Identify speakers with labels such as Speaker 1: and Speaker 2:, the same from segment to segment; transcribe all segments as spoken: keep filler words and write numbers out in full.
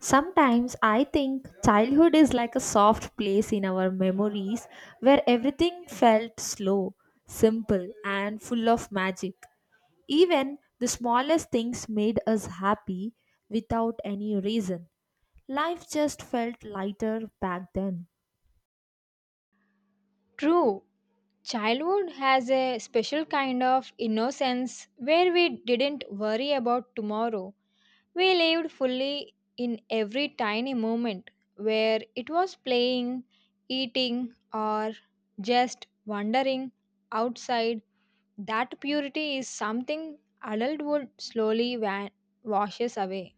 Speaker 1: Sometimes I think childhood is like a soft place in our memories where everything felt slow, simple, and full of magic. Even the smallest things made us happy without any reason. Life just felt lighter back then.
Speaker 2: True, childhood has a special kind of innocence where we didn't worry about tomorrow. We lived fully in every tiny moment, where it was playing, eating, or just wandering outside. That purity is something adulthood slowly wa- washes away.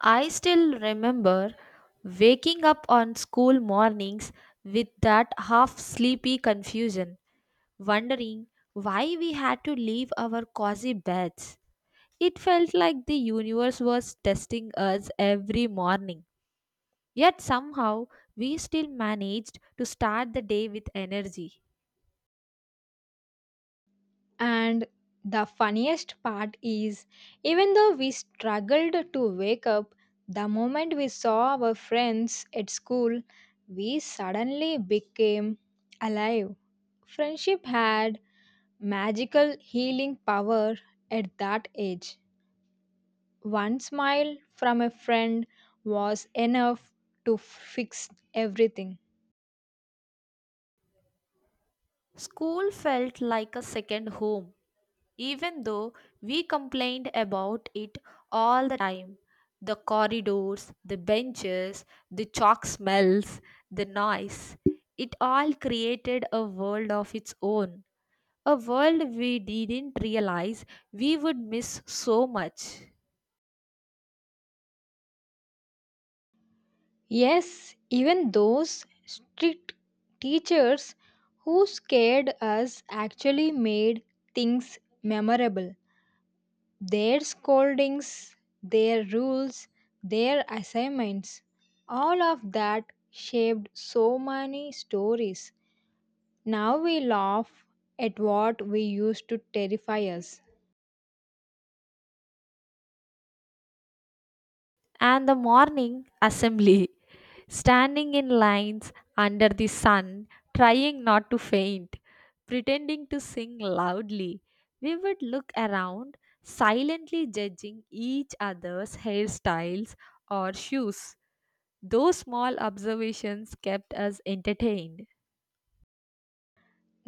Speaker 1: I still remember waking up on school mornings with that half sleepy confusion, wondering why we had to leave our cozy beds. It felt like the universe was testing us every morning. Yet somehow we still managed to start the day with energy.
Speaker 2: And the funniest part is, even though we struggled to wake up, the moment we saw our friends at school, we suddenly became alive. Friendship had magical healing power at that age. One smile from a friend was enough to fix everything.
Speaker 1: School felt like a second home, even though we complained about it all the time. The corridors, the benches, the chalk smells, the noise. It all created a world of its own. A world we didn't realize we would miss so much.
Speaker 2: Yes, even those strict teachers who scared us actually made things memorable. Their scoldings, their rules, their assignments, all of that shaped so many stories. Now we laugh at what we used to terrify us.
Speaker 1: And the morning assembly, standing in lines under the sun, trying not to faint, pretending to sing loudly. We would look around, silently judging each other's hairstyles or shoes. Those small observations kept us entertained.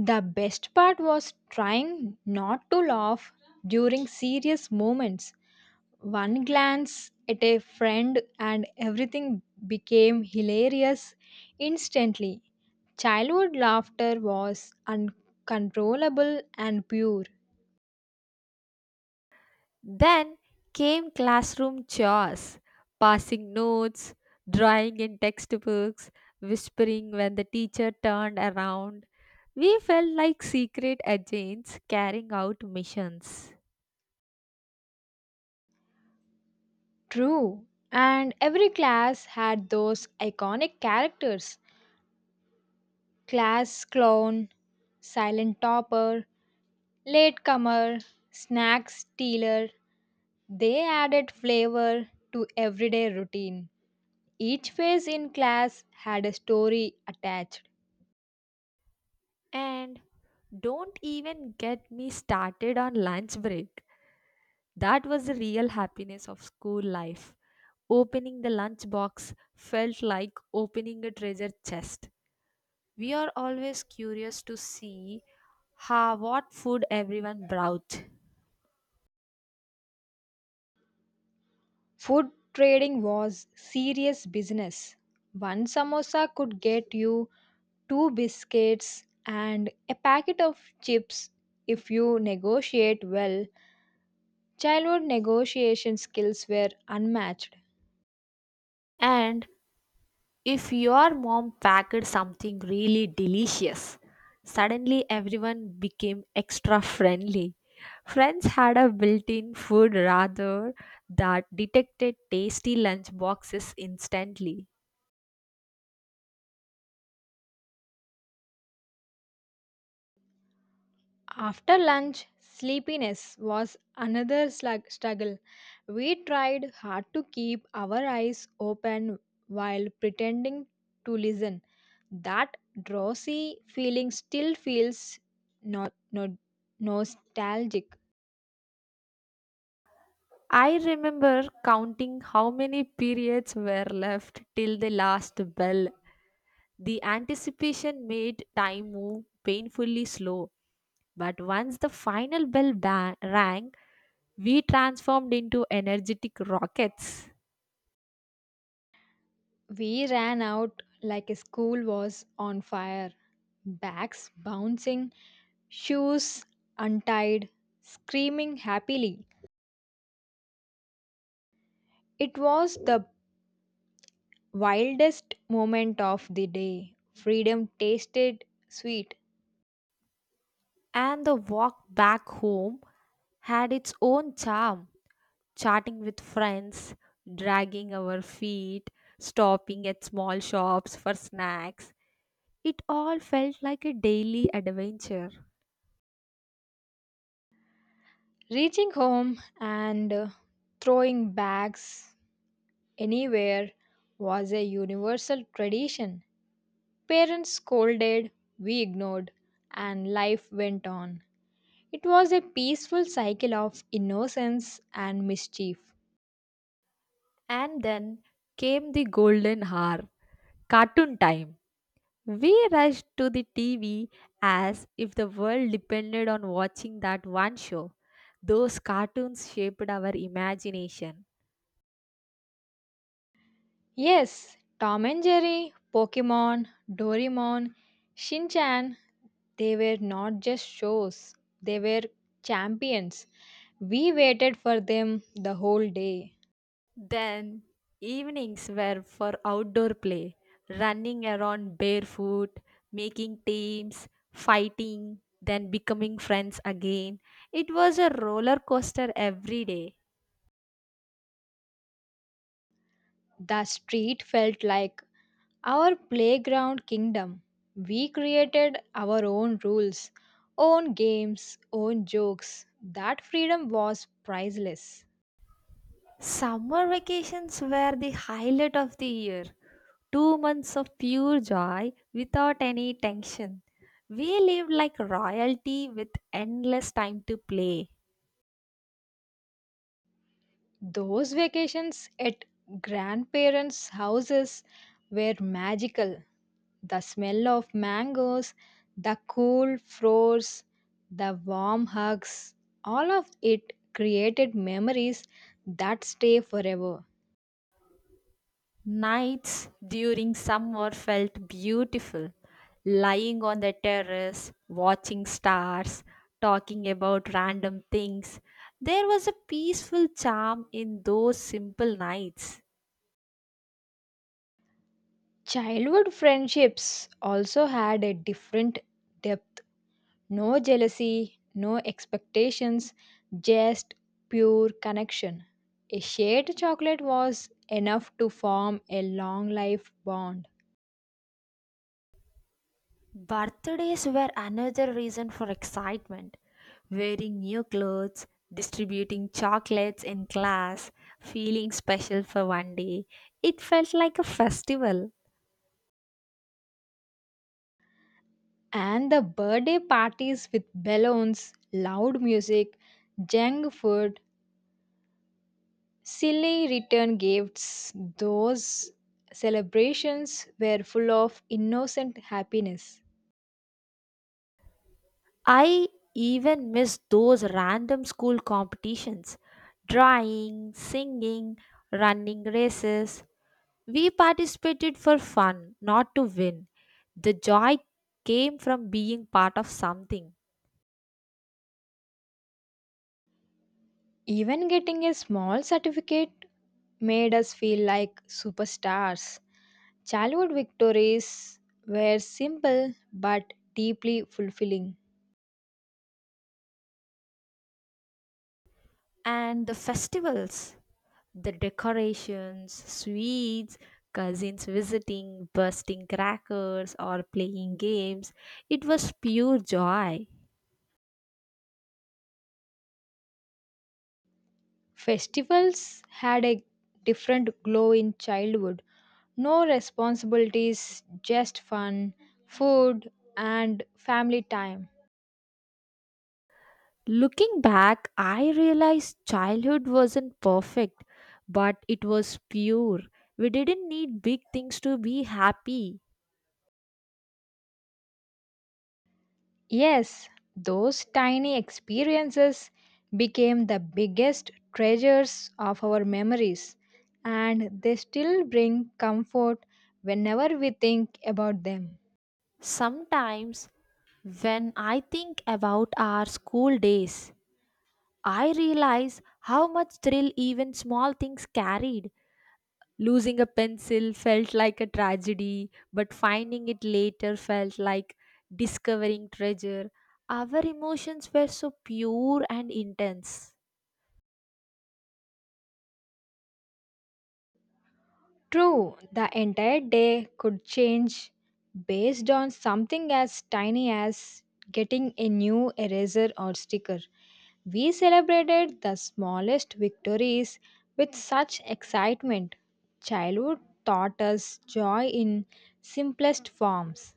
Speaker 2: The best part was trying not to laugh during serious moments. One glance at a friend and everything became hilarious instantly. Childhood laughter was uncontrollable and pure.
Speaker 1: Then came classroom chores, passing notes, drawing in textbooks, whispering when the teacher turned around. We felt like secret agents carrying out missions.
Speaker 2: True. And every class had those iconic characters: class clown, silent topper, latecomer, snack stealer. They added flavor to everyday routine. Each phase in class had a story attached.
Speaker 1: And don't even get me started on lunch break. That was the real happiness of school life. Opening the lunch box felt like opening a treasure chest. We are always curious to see how what food everyone brought.
Speaker 2: Food trading was serious business. One samosa could get you two biscuits and a packet of chips if you negotiate well. Childhood negotiation skills were unmatched.
Speaker 1: And if your mom packed something really delicious, suddenly everyone became extra friendly. Friends had a built-in food rather that detected tasty lunch boxes instantly.
Speaker 2: After lunch, sleepiness was another slug- struggle. We tried hard to keep our eyes open while pretending to listen. That drowsy feeling still feels no- no- nostalgic.
Speaker 1: I remember counting how many periods were left till the last bell. The anticipation made time move painfully slow, but once the final bell ba- rang, we transformed into energetic rockets.
Speaker 2: We ran out like a school was on fire, backs bouncing, shoes untied, screaming happily. It was the wildest moment of the day. Freedom tasted sweet.
Speaker 1: And the walk back home had its own charm, chatting with friends, dragging our feet, stopping at small shops for snacks. It all felt like a daily adventure.
Speaker 2: Reaching home and uh, throwing bags anywhere was a universal tradition. Parents scolded, we ignored, and life went on. It was a peaceful cycle of innocence and mischief.
Speaker 1: And then came the golden hour, cartoon time. We rushed to the T V as if the world depended on watching that one show. Those cartoons shaped our imagination.
Speaker 2: Yes, Tom and Jerry, Pokemon, Doraemon, Shinchan. They were not just shows, they were champions. We waited for them the whole day.
Speaker 1: Then, evenings were for outdoor play, running around barefoot, making teams, fighting, then becoming friends again. It was a roller coaster every day.
Speaker 2: The street felt like our playground kingdom. We created our own rules, own games, own jokes. That freedom was priceless.
Speaker 1: Summer vacations were the highlight of the year. Two months of pure joy without any tension. We lived like royalty with endless time to play.
Speaker 2: Those vacations at grandparents' houses were magical. The smell of mangoes, the cool floors, the warm hugs, all of it created memories that stay forever.
Speaker 1: Nights during summer felt beautiful. Lying on the terrace, watching stars, talking about random things. There was a peaceful charm in those simple nights.
Speaker 2: Childhood friendships also had a different depth. No jealousy, no expectations, just pure connection. A shared chocolate was enough to form a long life bond.
Speaker 1: Birthdays were another reason for excitement. Wearing new clothes, distributing chocolates in class, feeling special for one day. It felt like a festival.
Speaker 2: And the birthday parties with balloons, loud music, junk food, silly return gifts, those celebrations were full of innocent happiness.
Speaker 1: I even missed those random school competitions drawing, singing, running races. We participated for fun, not to win. The joy came from being part of something.
Speaker 2: Even getting a small certificate made us feel like superstars. Childhood victories were simple but deeply fulfilling.
Speaker 1: And the festivals. The decorations, sweets, cousins visiting, bursting crackers, or playing games. It was pure joy.
Speaker 2: Festivals had a different glow in childhood. No responsibilities, just fun, food, and family time.
Speaker 1: Looking back, I realized childhood wasn't perfect, but it was pure. We didn't need big things to be happy.
Speaker 2: Yes, those tiny experiences became the biggest treasures of our memories, and they still bring comfort whenever we think about them.
Speaker 1: Sometimes, when I think about our school days, I realize how much thrill even small things carried. Losing a pencil felt like a tragedy, but finding it later felt like discovering treasure. Our emotions were so pure and intense.
Speaker 2: True, the entire day could change based on something as tiny as getting a new eraser or sticker. We celebrated the smallest victories with such excitement. Childhood taught us joy in simplest forms.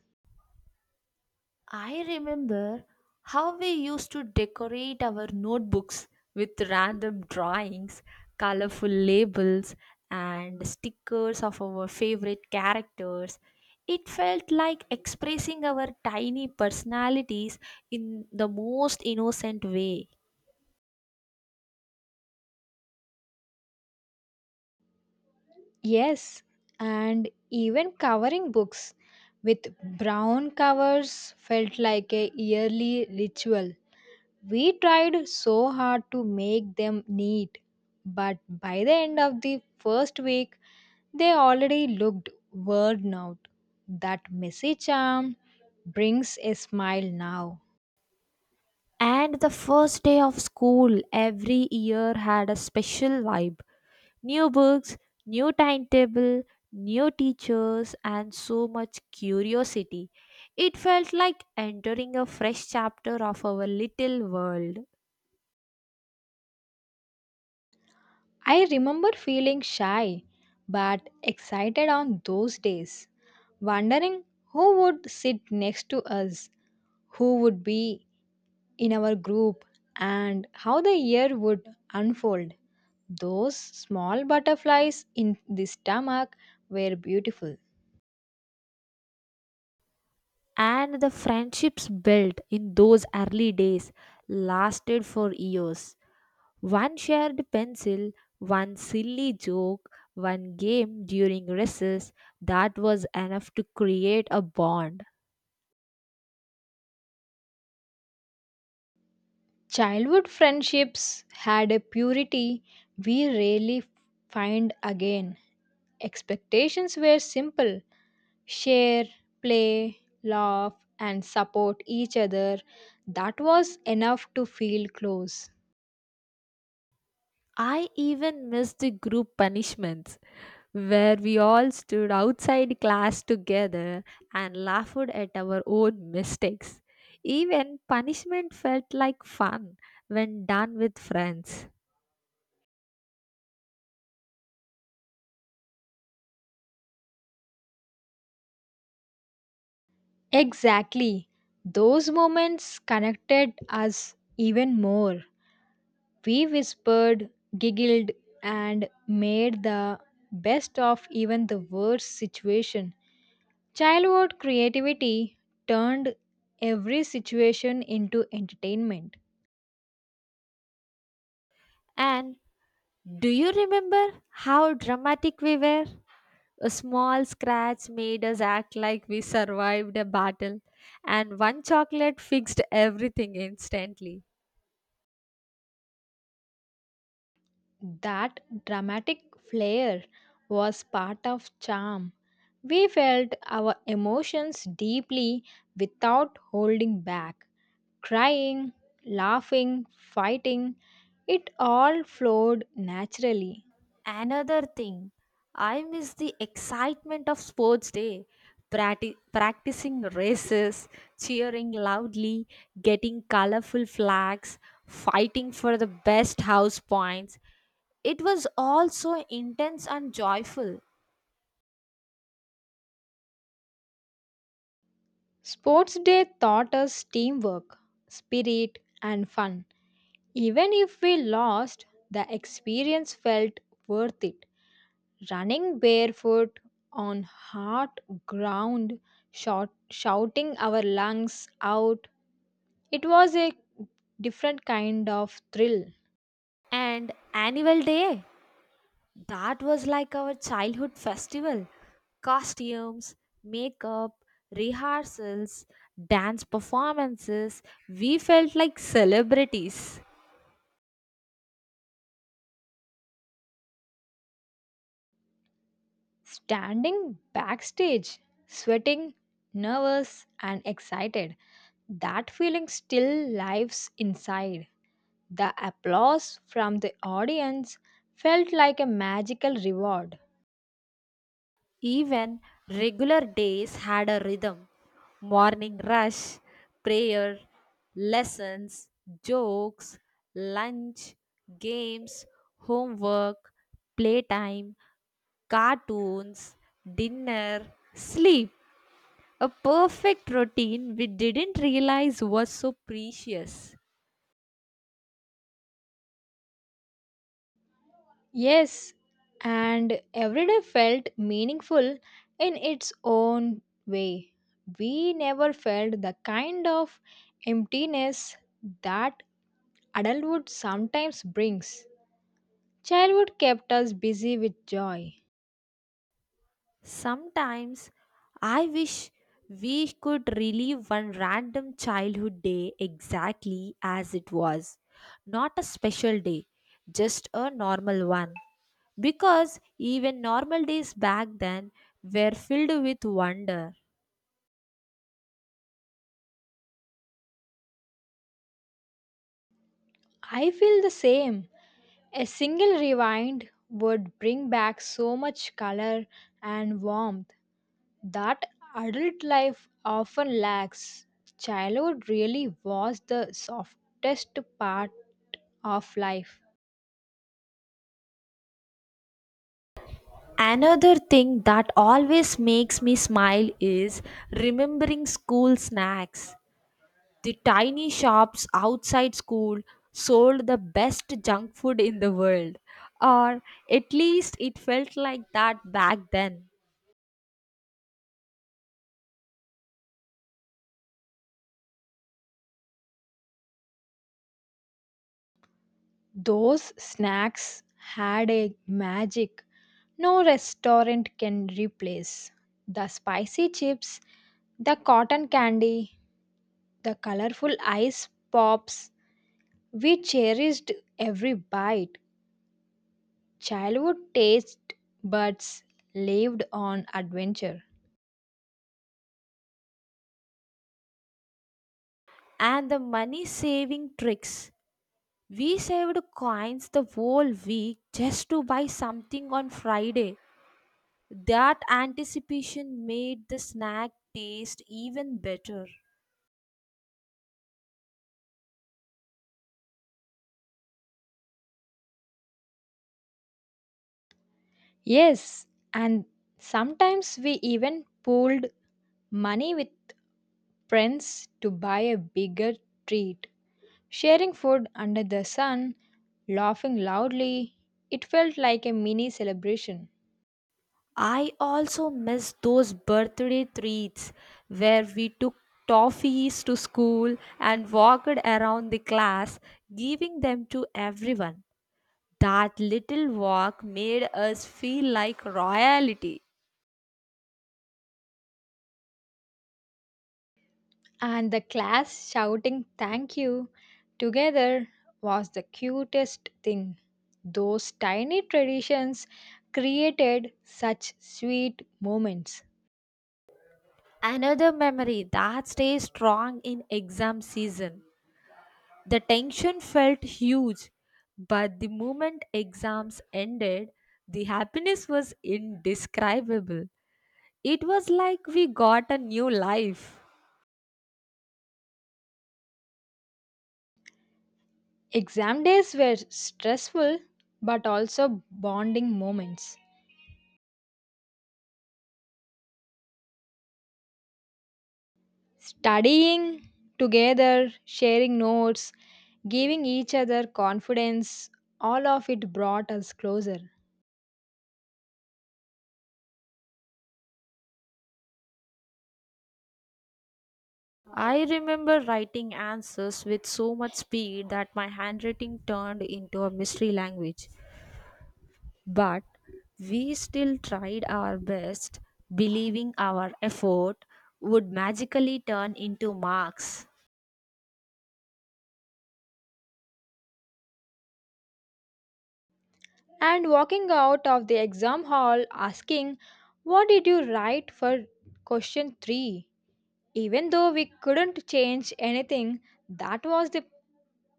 Speaker 1: I remember how we used to decorate our notebooks with random drawings, colorful labels, and stickers of our favorite characters. It felt like expressing our tiny personalities in the most innocent way.
Speaker 2: Yes, and even covering books with brown covers felt like a yearly ritual. We tried so hard to make them neat, but by the end of the first week, they already looked worn out. That messy charm brings a smile now.
Speaker 1: And the first day of school every year had a special vibe. New books, new timetable, new teachers, and so much curiosity. It felt like entering a fresh chapter of our little world.
Speaker 2: I remember feeling shy but excited on those days, wondering who would sit next to us, who would be in our group and how the year would unfold. Those small butterflies in the stomach were beautiful.
Speaker 1: And the friendships built in those early days lasted for years. One shared pencil, one silly joke, one game during recess, that was enough to create a bond.
Speaker 2: Childhood friendships had a purity we rarely find again. Expectations were simple: share, play, laugh, and support each other. That was enough to feel close.
Speaker 1: I even missed the group punishments where we all stood outside class together and laughed at our own mistakes. Even punishment felt like fun when done with friends.
Speaker 2: Exactly. Those moments connected us even more. We whispered, giggled, and made the best of even the worst situation. Childhood creativity turned every situation into entertainment.
Speaker 1: And do you remember how dramatic we were? A small scratch made us act like we survived a battle, and one chocolate fixed everything instantly.
Speaker 2: That dramatic flair was part of charm. We felt our emotions deeply without holding back. Crying, laughing, fighting, it all flowed naturally.
Speaker 1: Another thing, I miss the excitement of sports day. Practi- practicing races, cheering loudly, getting colorful flags, fighting for the best house points. It was all so intense and joyful.
Speaker 2: Sports Day taught us teamwork, spirit, and fun. Even if we lost, the experience felt worth it. Running barefoot on hard ground, shout, shouting our lungs out, it was a different kind of thrill.
Speaker 1: And annual day, that was like our childhood festival. Costumes, makeup, rehearsals, dance performances, we felt like celebrities.
Speaker 2: Standing backstage, sweating, nervous, and excited, that feeling still lives inside. The applause from the audience felt like a magical reward.
Speaker 1: Even regular days had a rhythm morning rush, prayer, lessons, jokes, lunch, games, homework, playtime, cartoons, dinner, sleep. A perfect routine we didn't realize was so precious.
Speaker 2: Yes, and every day felt meaningful in its own way. We never felt the kind of emptiness that adulthood sometimes brings. Childhood kept us busy with joy.
Speaker 1: Sometimes I wish we could relive one random childhood day exactly as it was. Not a special day, just a normal one. Because even normal days back then were filled with wonder.
Speaker 2: I feel the same. A single rewind would bring back so much color and warmth that adult life often lacks. Childhood really was the softest part of life.
Speaker 1: Another thing that always makes me smile is remembering school snacks. The tiny shops outside school sold the best junk food in the world, or at least it felt like that back then.
Speaker 2: Those snacks had a magic no restaurant can replace. The spicy chips, the cotton candy, the colorful ice pops. We cherished every bite. Childhood taste buds lived on adventure.
Speaker 1: And the money saving tricks. We saved coins the whole week just to buy something on Friday. That anticipation made the snack taste even better.
Speaker 2: Yes, and sometimes we even pooled money with friends to buy a bigger treat. Sharing food under the sun, laughing loudly, it felt like a mini celebration.
Speaker 1: I also miss those birthday treats where we took toffees to school and walked around the class, giving them to everyone. That little walk made us feel like royalty.
Speaker 2: And the class shouting thank you together was the cutest thing. Those tiny traditions created such sweet moments.
Speaker 1: Another memory that stays strong in exam season. The tension felt huge, but the moment exams ended, the happiness was indescribable. It was like we got a new life.
Speaker 2: Exam days were stressful but also bonding moments. Studying together, sharing notes, giving each other confidence, all of it brought us closer.
Speaker 1: I remember writing answers with so much speed that my handwriting turned into a mystery language. But we still tried our best, believing our effort would magically turn into marks.
Speaker 2: And walking out of the exam hall asking, "What did you write for question three?" Even though we couldn't change anything, that was the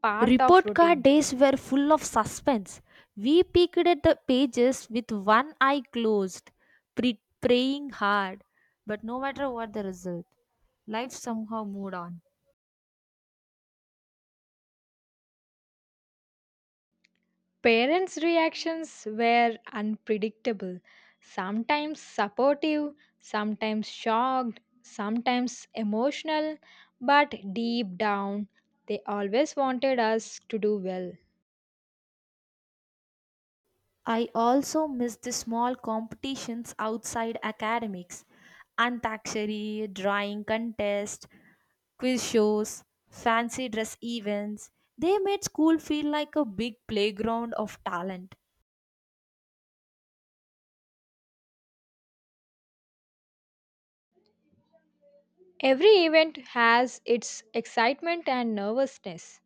Speaker 2: part of
Speaker 1: Report card
Speaker 2: routine.
Speaker 1: days were full of suspense. We peeked at the pages with one eye closed, pre- praying hard. But no matter what the result, life somehow moved on.
Speaker 2: Parents' reactions were unpredictable, sometimes supportive, sometimes shocked, sometimes emotional, but deep down, they always wanted us to do well.
Speaker 1: I also miss the small competitions outside academics, antakshari, drawing contest, quiz shows, fancy dress events. They made school feel like a big playground of talent.
Speaker 2: Every event has its excitement and nervousness.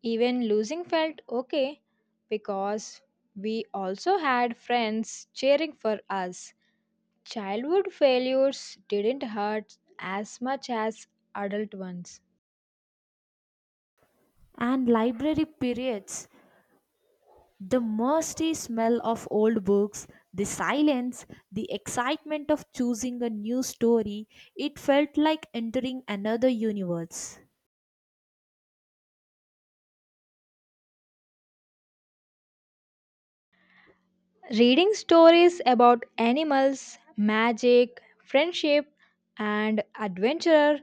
Speaker 2: Even losing felt okay because we also had friends cheering for us. Childhood failures didn't hurt as much as adult ones.
Speaker 1: And library periods, the musty smell of old books, the silence, the excitement of choosing a new story, it felt like entering another universe.
Speaker 2: Reading stories about animals, magic, friendship, and adventure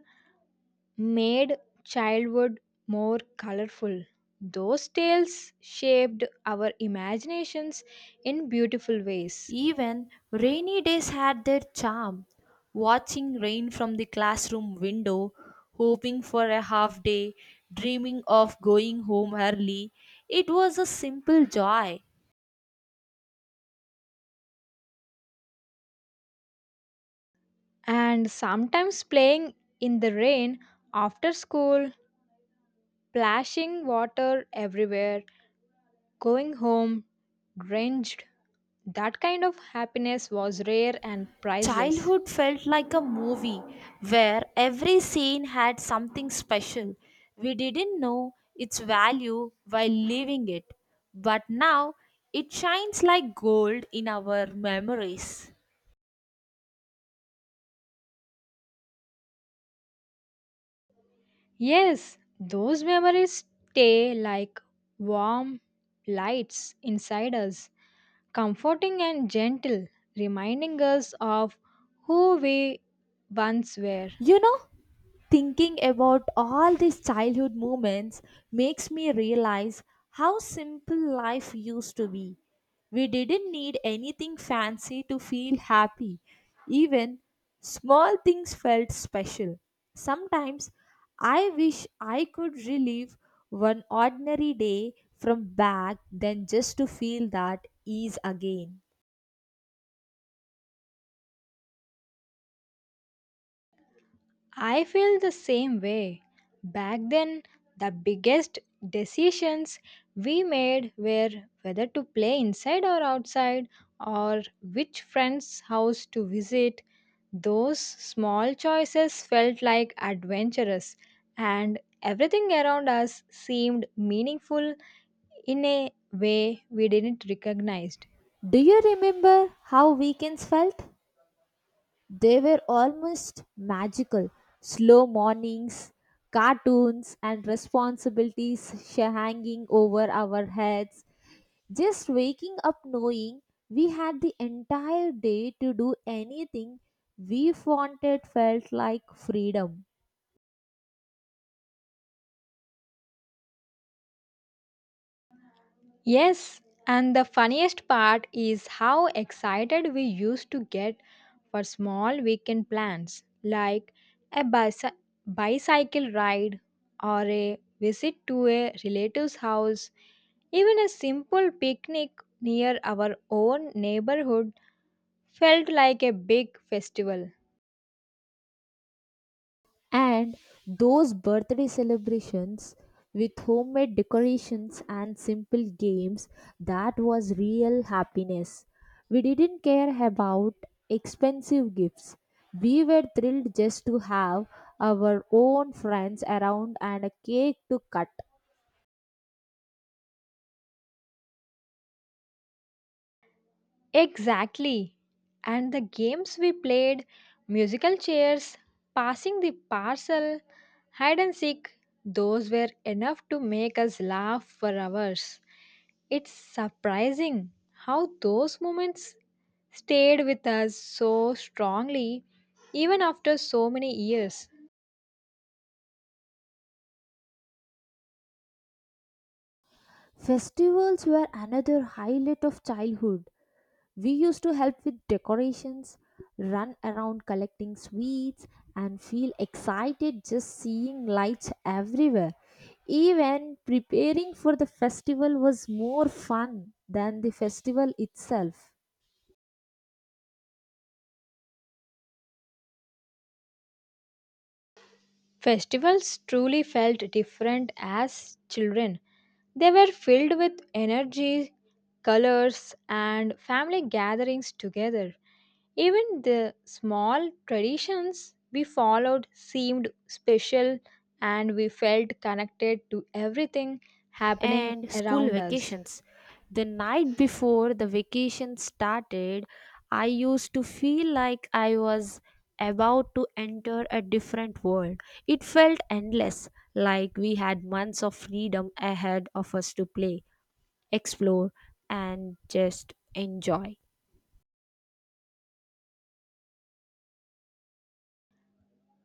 Speaker 2: made childhood more colorful. Those tales shaped our imaginations in beautiful ways.
Speaker 1: Even rainy days had their charm. Watching rain from the classroom window, hoping for a half day, dreaming of going home early, it was a simple joy.
Speaker 2: And sometimes playing in the rain after school, plashing water everywhere, going home drenched, that kind of happiness was rare and priceless.
Speaker 1: Childhood felt like a movie where every scene had something special. We didn't know its value while living it, but now it shines like gold in our memories.
Speaker 2: Yes, those memories stay like warm lights inside us, comforting and gentle, reminding us of who we once were.
Speaker 1: You know, Thinking about all these childhood moments makes me realize how simple life used to be. We didn't need anything fancy to feel happy. Even small things felt special. Sometimes I wish I could relive one ordinary day from back then just to feel that ease again.
Speaker 2: I feel the same way. Back then, the biggest decisions we made were whether to play inside or outside, or which friend's house to visit. Those small choices felt like adventurous, and everything around us seemed meaningful in a way we didn't recognize.
Speaker 1: Do you remember how weekends felt? They were almost magical. Slow mornings, cartoons, and responsibilities sh- hanging over our heads. Just waking up knowing we had the entire day to do anything we wanted felt like freedom.
Speaker 2: Yes, and the funniest part is how excited we used to get for small weekend plans like a bicy- bicycle ride or a visit to a relative's house, even a simple picnic near our own neighborhood felt like a big festival.
Speaker 1: And those birthday celebrations with homemade decorations and simple games, that was real happiness. We didn't care about expensive gifts. We were thrilled just to have our own friends around and a cake to cut.
Speaker 2: Exactly. And the games we played, musical chairs, passing the parcel, hide and seek, those were enough to make us laugh for hours. It's surprising how those moments stayed with us so strongly even after so many years.
Speaker 1: Festivals were another highlight of childhood. We used to help with decorations, run around collecting sweets, and feel excited just seeing lights everywhere. Even preparing for the festival was more fun than the festival itself.
Speaker 2: Festivals truly felt different as children. They were filled with energy, colors, and family gatherings together. Even the small traditions we followed seemed special, and we felt connected to everything happening
Speaker 1: And school
Speaker 2: around us.
Speaker 1: vacations. The night before the vacation started, I used to feel like I was about to enter a different world. It felt endless, like we had months of freedom ahead of us to play, explore, and just enjoy.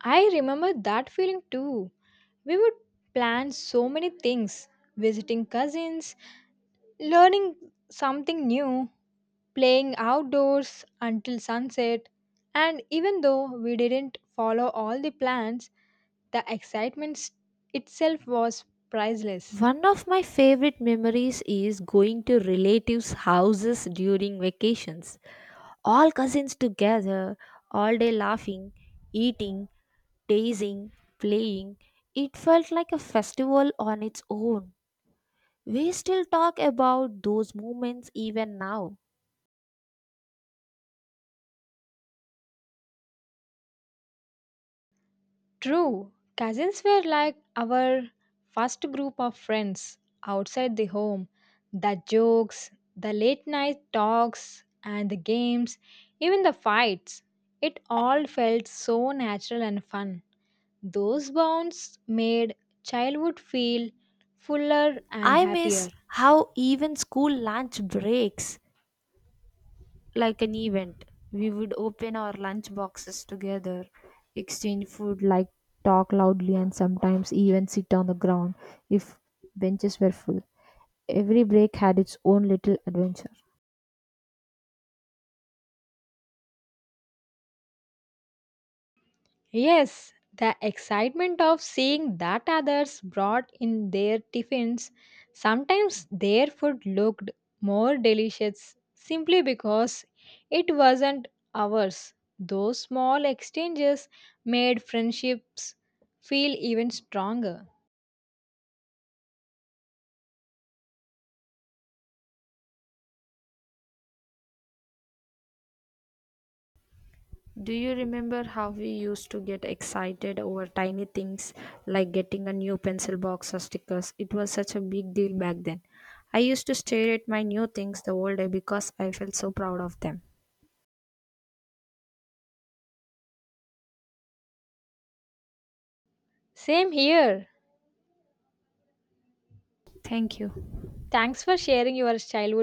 Speaker 2: I remember that feeling too. We would plan so many things, visiting cousins, learning something new, playing outdoors until sunset, and even though we didn't follow all the plans, the excitement s- itself was priceless.
Speaker 1: One of my favorite memories is going to relatives' houses during vacations. All cousins together, all day laughing, eating, Dazing, playing, it felt like a festival on its own. We still talk about those moments even now.
Speaker 2: True, cousins were like our first group of friends outside the home. The jokes, the late night talks, and the games, even the fights, it all felt so natural and fun. Those bonds made childhood feel fuller and
Speaker 1: I
Speaker 2: happier.
Speaker 1: miss how even school lunch breaks like an event. We would open our lunch boxes together, exchange food, like talk loudly, and sometimes even sit on the ground if benches were full. Every break had its own little adventure.
Speaker 2: Yes, the excitement of seeing that others brought in their tiffins. Sometimes their food looked more delicious simply because it wasn't ours. Those small exchanges made friendships feel even stronger.
Speaker 1: Do you remember how we used to get excited over tiny things like getting a new pencil box or stickers? It was such a big deal back then. I used to stare at my new things the whole day because I felt so proud of them.
Speaker 2: Same here.
Speaker 1: Thank you.
Speaker 2: Thanks for sharing your childhood